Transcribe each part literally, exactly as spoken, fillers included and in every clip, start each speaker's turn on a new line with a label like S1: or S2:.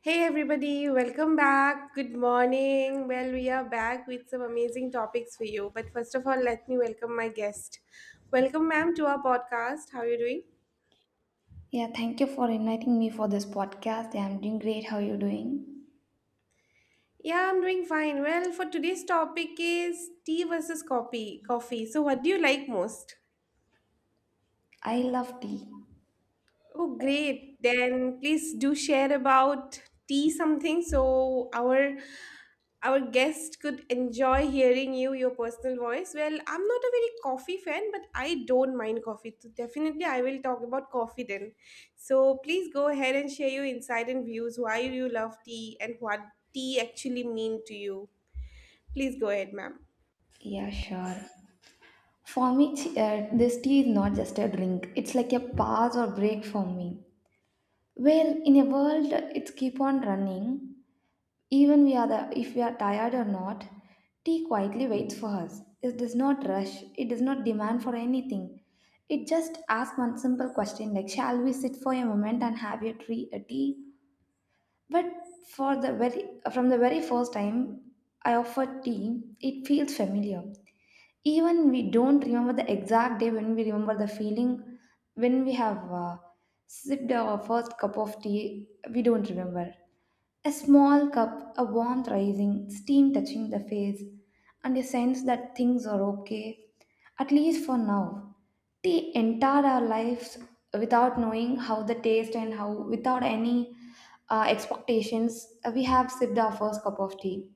S1: Hey everybody, welcome back. Good morning. Well, we are back with some amazing topics for you. But first of all, let me welcome my guest. Welcome, ma'am, to our podcast. How are you doing?
S2: Yeah, thank you for inviting me for this podcast. Yeah, I'm doing great. How are you doing?
S1: Yeah, I'm doing fine. Well, for today's topic is tea versus coffee. Coffee. So, what do you like most?
S2: I love tea.
S1: Oh, great. Then please do share about tea something so our our guest could enjoy hearing you, your personal voice. Well, I'm not a very coffee fan, but I don't mind coffee. So definitely I will talk about coffee then. So please go ahead and share your insight and views why you love tea and what tea actually mean to you. Please go ahead, ma'am.
S2: Yeah, sure. For me, ch- uh, this tea is not just a drink. It's like a pause or break for me. Well, in a world, it's keep on running. Even we are the, if we are tired or not, tea quietly waits for us. It does not rush. It does not demand for anything. It just asks one simple question like, shall we sit for a moment and have a tree, a tea? But for the very From the very first time I offer tea, it feels familiar. Even we don't remember the exact day when we remember the feeling when we have uh, sipped our first cup of tea, we don't remember. A small cup, a warmth rising, steam touching the face, and a sense that things are okay, at least for now. Tea entered our lives without knowing how the taste and how, without any uh, expectations, uh, we have sipped our first cup of tea.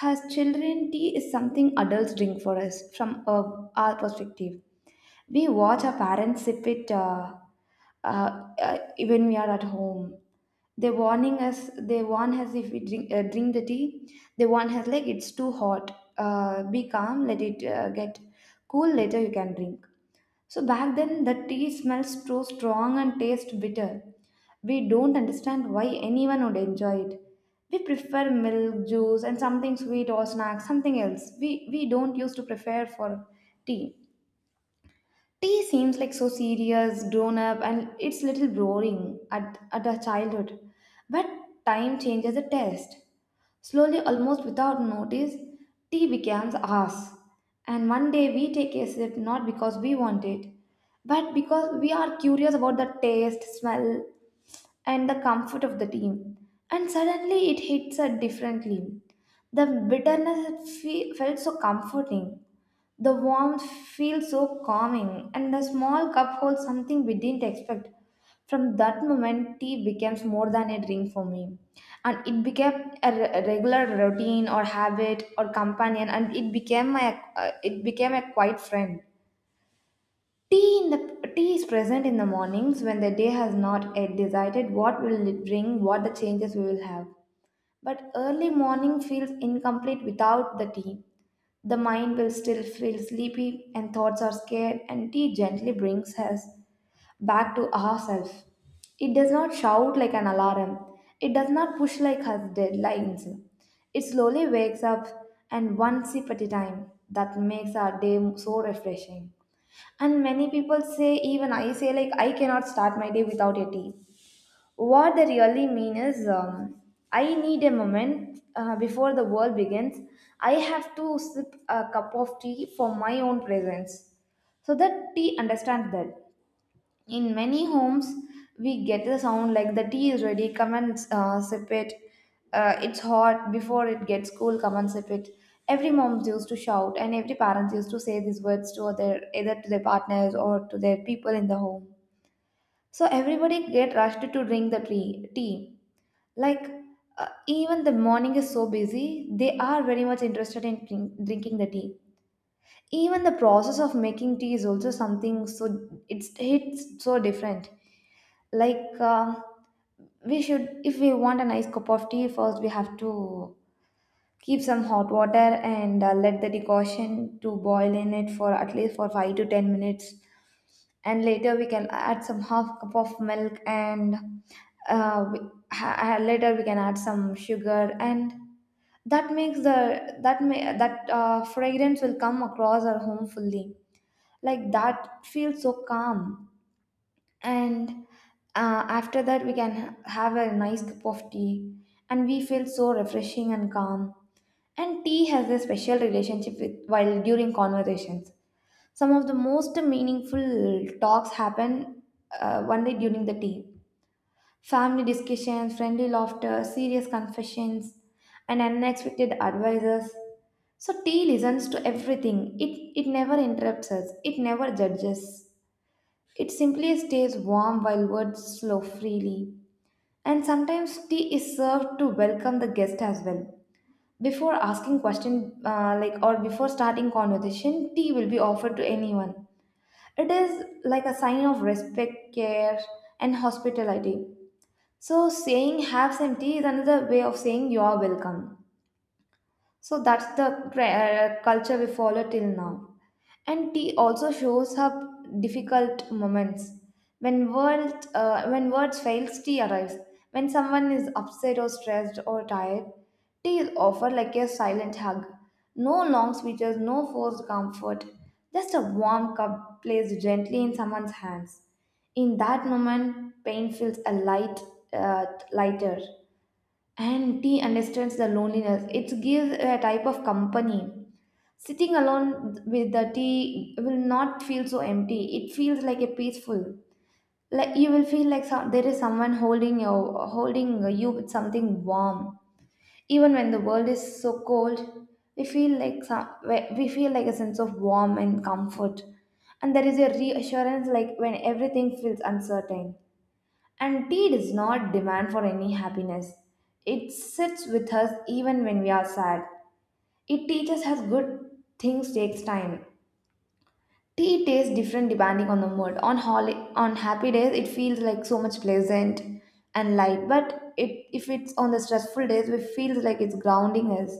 S2: As children, tea is something adults drink for us from uh, our perspective. We watch our parents sip it uh, uh, uh, when we are at home. They warning us they warn us if we drink uh, drink the tea. They warn us like it's too hot. Uh, be calm, let it uh, get cool, later you can drink. So back then the tea smells so strong and tastes bitter. We don't understand why anyone would enjoy it. We prefer milk, juice, and something sweet or snack, something else we we don't used to prefer for tea. Tea seems like so serious, grown up, and it's little boring at, at our childhood. But time changes the test. Slowly, almost without notice, tea becomes ours. And one day we take a sip not because we want it, but because we are curious about the taste, smell, and the comfort of the tea. And suddenly it hits us differently. The bitterness fe- felt so comforting, the warmth feels so calming, and the small cup holds something we didn't expect. From that moment, tea becomes more than a drink for me, and it became a re- a regular routine or habit or companion, and it became my uh, it became a quiet friend. Tea in the tea is present in the mornings when the day has not yet decided what will it bring, what the changes we will have. But early morning feels incomplete without the tea. The mind will still feel sleepy and thoughts are scared, and tea gently brings us back to ourselves. It does not shout like an alarm, it does not push like us deadlines. It slowly wakes up, and one sip at a time, that makes our day so refreshing. And many people say, even I say, like, I cannot start my day without a tea. What they really mean is, um, I need a moment uh, before the world begins. I have to sip a cup of tea for my own presence. So that tea understands that. In many homes, we get the sound like the tea is ready, come and uh, sip it. Uh, it's hot, before it gets cool, come and sip it. Every mom used to shout, and every parent used to say these words to their, either to their partners or to their people in the home. So everybody get rushed to drink the tea. tea like uh, Even the morning is so busy, they are very much interested in drink, drinking the tea. Even the process of making tea is also something, so it's it's so different, like. Um we should, if we want a nice cup of tea, first we have to keep some hot water and, uh, let the decoction to boil in it for at least for five to ten minutes, and later we can add some half cup of milk, and uh, we, ha, later we can add some sugar, and that makes the that may that uh, fragrance will come across our home fully, like that feels so calm. And uh, after that we can have a nice cup of tea, and we feel so refreshing and calm. And tea has a special relationship with while during conversations, some of the most meaningful talks happen uh, only during the tea. Family discussions, friendly laughter, serious confessions, and unexpected advices. So tea listens to everything. It it never interrupts us. It never judges. It simply stays warm while words flow freely. And sometimes tea is served to welcome the guest as well. Before asking question, uh, like or before starting conversation, tea will be offered to anyone. It is like a sign of respect, care, and hospitality. So, saying half empty is another way of saying you are welcome. So that's the tra- uh, culture we follow till now. And tea also shows up difficult moments. When world, uh, when words fails, tea arrives. When someone is upset or stressed or tired, tea is offered like a silent hug. No long speeches, no forced comfort. Just a warm cup placed gently in someone's hands. In that moment, pain feels a light, uh, lighter. And tea understands the loneliness. It gives a type of company. Sitting alone with the tea will not feel so empty. It feels like a peaceful. Like you will feel like some, there is someone holding you, holding you with something warm. Even when the world is so cold, we feel like some, we feel like a sense of warmth and comfort. And there is a reassurance like when everything feels uncertain. And tea does not demand for any happiness. It sits with us even when we are sad. It teaches us good things takes time. Tea tastes different depending on the mood. On holi- on happy days, it feels like so much pleasant and light. But it, if it's on the stressful days, it feels like it's grounding us.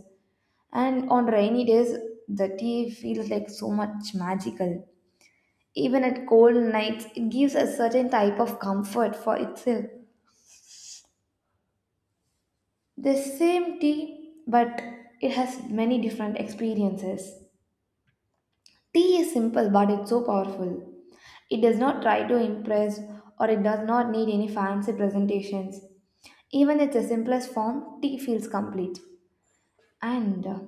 S2: And on rainy days, the tea feels like so much magical. Even at cold nights, it gives a certain type of comfort for itself. The same tea, but it has many different experiences. Tea is simple, but it's so powerful. It does not try to impress, or it does not need any fancy presentations. Even in the simplest form, tea feels complete. And uh,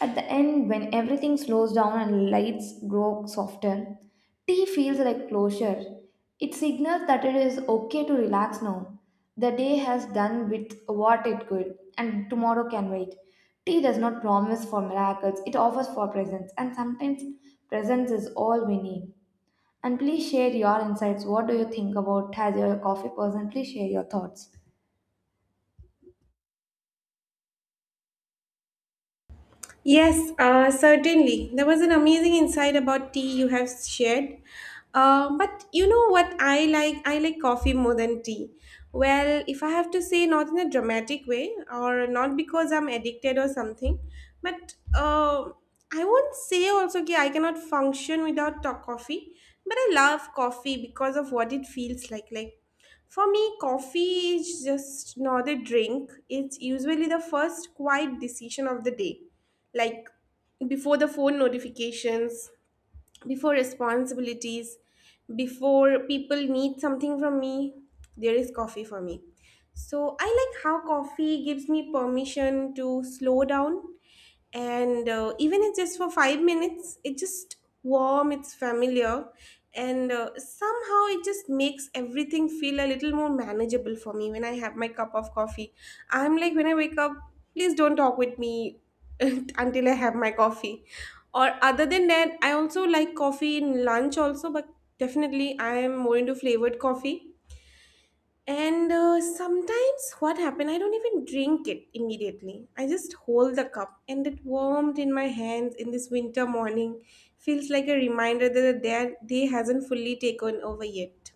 S2: at the end, when everything slows down and lights grow softer, tea feels like closure. It signals that it is okay to relax now. The day has done with what it could, and tomorrow can wait. Tea does not promise for miracles, it offers for presence, and sometimes presence is all we need. And please share your insights. What do you think about as your coffee person? Please share your thoughts.
S1: Yes, uh, certainly. There was an amazing insight about tea you have shared. Uh, but you know what I like? I like coffee more than tea. Well, if I have to say, not in a dramatic way, or not because I'm addicted or something, but uh, I won't say also that I cannot function without to- coffee. But I love coffee because of what it feels like. Like for me, coffee is just not a drink. It's usually the first quiet decision of the day, like before the phone notifications, before responsibilities, before people need something from me, there is coffee for me. So I like how coffee gives me permission to slow down, and uh, even it's just for five minutes, it's just warm, it's familiar, and uh, somehow it just makes everything feel a little more manageable for me when I have my cup of coffee. I'm like, when I wake up, please don't talk with me until I have my coffee. Or other than that, I also like coffee in lunch also, but definitely I am more into flavored coffee. And uh, sometimes what happened, I don't even drink it immediately. I just hold the cup and it warmed in my hands in this winter morning. Feels like a reminder that the day day hasn't fully taken over yet.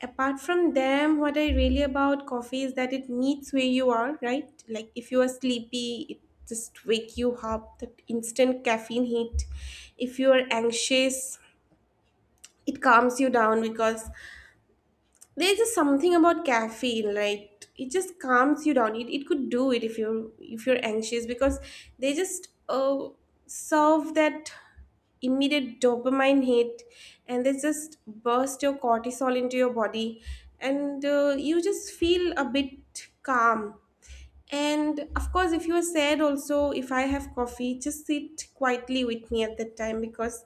S1: Apart from them, what I really about coffee is that it meets where you are, right? Like if you are sleepy, it just wake you up, that instant caffeine hit. If you are anxious, it calms you down, because there's just something about caffeine, right? It just calms you down. It, it could do it if you're if you're anxious, because they just uh, serve that immediate dopamine hit, and they just burst your cortisol into your body, and uh, you just feel a bit calm. And of course, if you are sad also, if I have coffee, just sit quietly with me at that time, because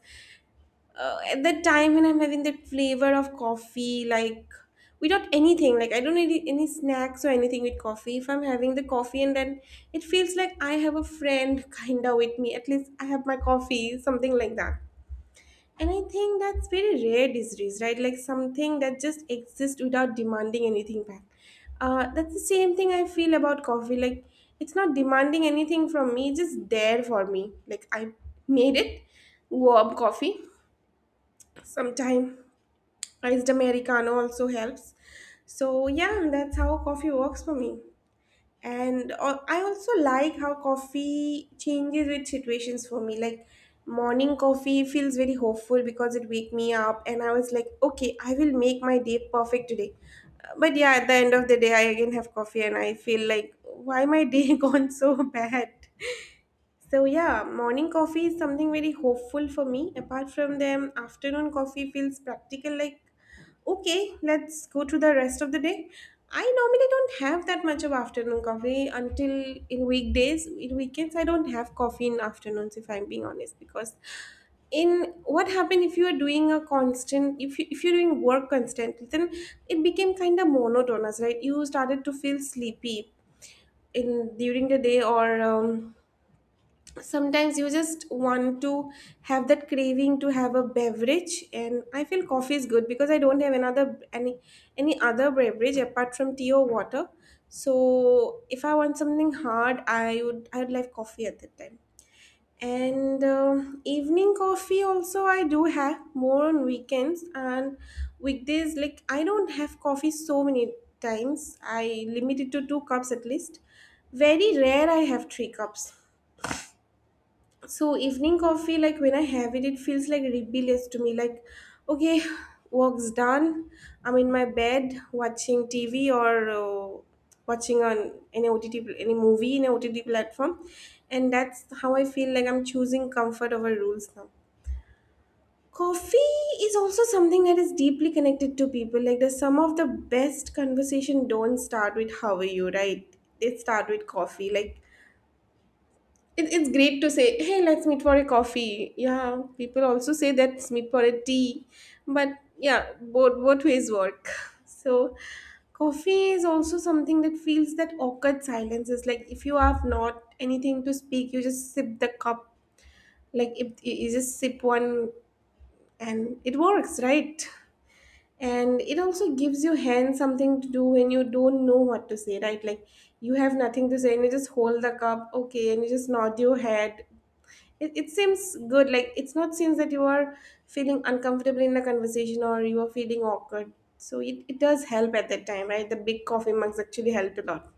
S1: uh, at that time when I'm having that flavor of coffee, like without anything, like I don't need any snacks or anything with coffee. If I'm having the coffee, and then it feels like I have a friend kinda with me. At least I have my coffee, something like that. And I think that's very rare these days, right? Like something that just exists without demanding anything back. Uh, that's the same thing I feel about coffee. Like it's not demanding anything from me, it's just there for me. Like I made it, warm coffee. Sometime iced Americano also helps. So yeah, that's how coffee works for me. And al- I also like how coffee changes with situations for me. Like morning coffee feels very hopeful because it wake me up and I was like, okay, I will make my day perfect today. Uh, But yeah, at the end of the day, I again have coffee and I feel like, why my day gone so bad? So yeah, morning coffee is something very hopeful for me. Apart from them, afternoon coffee feels practical, like okay, let's go to the rest of the day. I normally don't have that much of afternoon coffee until in weekdays. In weekends I don't have coffee in afternoons, if I'm being honest, because in what happened, if you are doing a constant, if, you, if you're doing work constantly, then it became kind of monotonous, right? You started to feel sleepy in during the day, or um, sometimes you just want to have that craving to have a beverage, and I feel coffee is good because I don't have another any any other beverage apart from tea or water. So if I want something hard, I would i would like coffee at that time. And um evening coffee also, I do have more on weekends, and weekdays like I don't have coffee so many times. I limit it to two cups at least. Very rare I have three cups. So evening coffee, like when I have it, it feels like rebellious to me. Like, okay, work's done. I'm in my bed watching T V, or uh, watching on any O T T, pl- any movie in a O T T platform, and that's how I feel like I'm choosing comfort over rules now. Coffee is also something that is deeply connected to people. Like, the some of the best conversation don't start with how are you, right? They start with coffee. Like it, it's great to say, hey, let's meet for a coffee. Yeah, people also say let's meet for a tea. But yeah, both, both ways work. So, coffee is also something that feels that awkward silence. Is like if you have not anything to speak, you just sip the cup. Like if you you just sip one, and it works, right? And it also gives your hand something to do when you don't know what to say, right? Like you have nothing to say and you just hold the cup, okay, and you just nod your head. It, it seems good, like it's not seems that you are feeling uncomfortable in the conversation, or you are feeling awkward. So it, it does help at that time, right? The big coffee mugs actually helped a lot.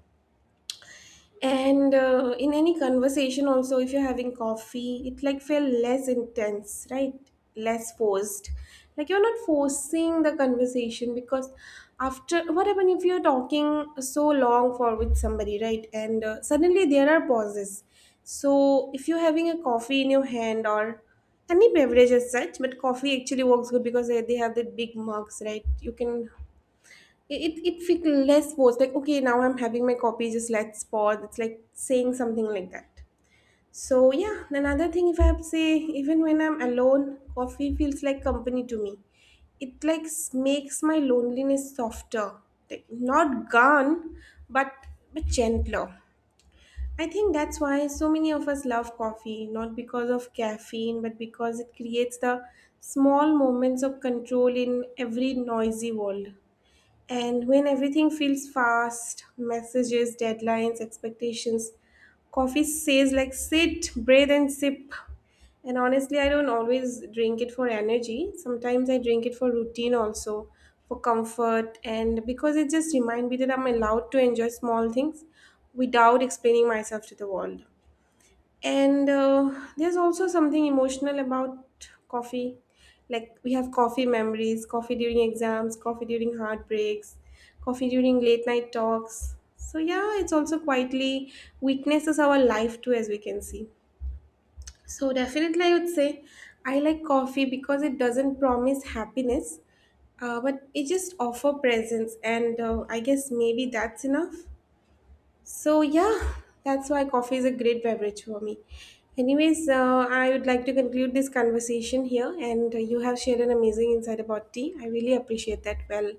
S1: And uh, in any conversation also, if you're having coffee, it like feel less intense, right? Less forced, like you're not forcing the conversation. Because after what happen if you're talking so long for with somebody, right, and uh, suddenly there are pauses. So if you're having a coffee in your hand, or any beverage as such, but coffee actually works good because they, they have the big mugs, right? You can, it it felt less forced, like okay, now I'm having my copy, just let's pause, it's like saying something like that. So yeah, another thing if I have to say, even when I'm alone, coffee feels like company to me. It like s- makes my loneliness softer, like not gone, but but gentler. I think that's why so many of us love coffee, not because of caffeine, but because it creates the small moments of control in every noisy world. And when everything feels fast, messages, deadlines, expectations, coffee says like sit, breathe, and sip. And honestly, I don't always drink it for energy. Sometimes I drink it for routine also, for comfort, and because it just reminds me that I'm allowed to enjoy small things without explaining myself to the world. And uh, there's also something emotional about coffee. Like we have coffee memories, coffee during exams, coffee during heartbreaks, coffee during late night talks. So yeah, it's also quietly witnesses our life too, as we can see. So definitely, I would say I like coffee because it doesn't promise happiness, uh, but it just offer presence, and uh, I guess maybe that's enough. So yeah, that's why coffee is a great beverage for me. Anyways, uh, I would like to conclude this conversation here, and uh, you have shared an amazing insight about tea. I really appreciate that. Well,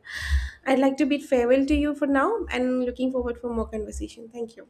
S1: I'd like to bid farewell to you for now, and looking forward for more conversation. Thank you.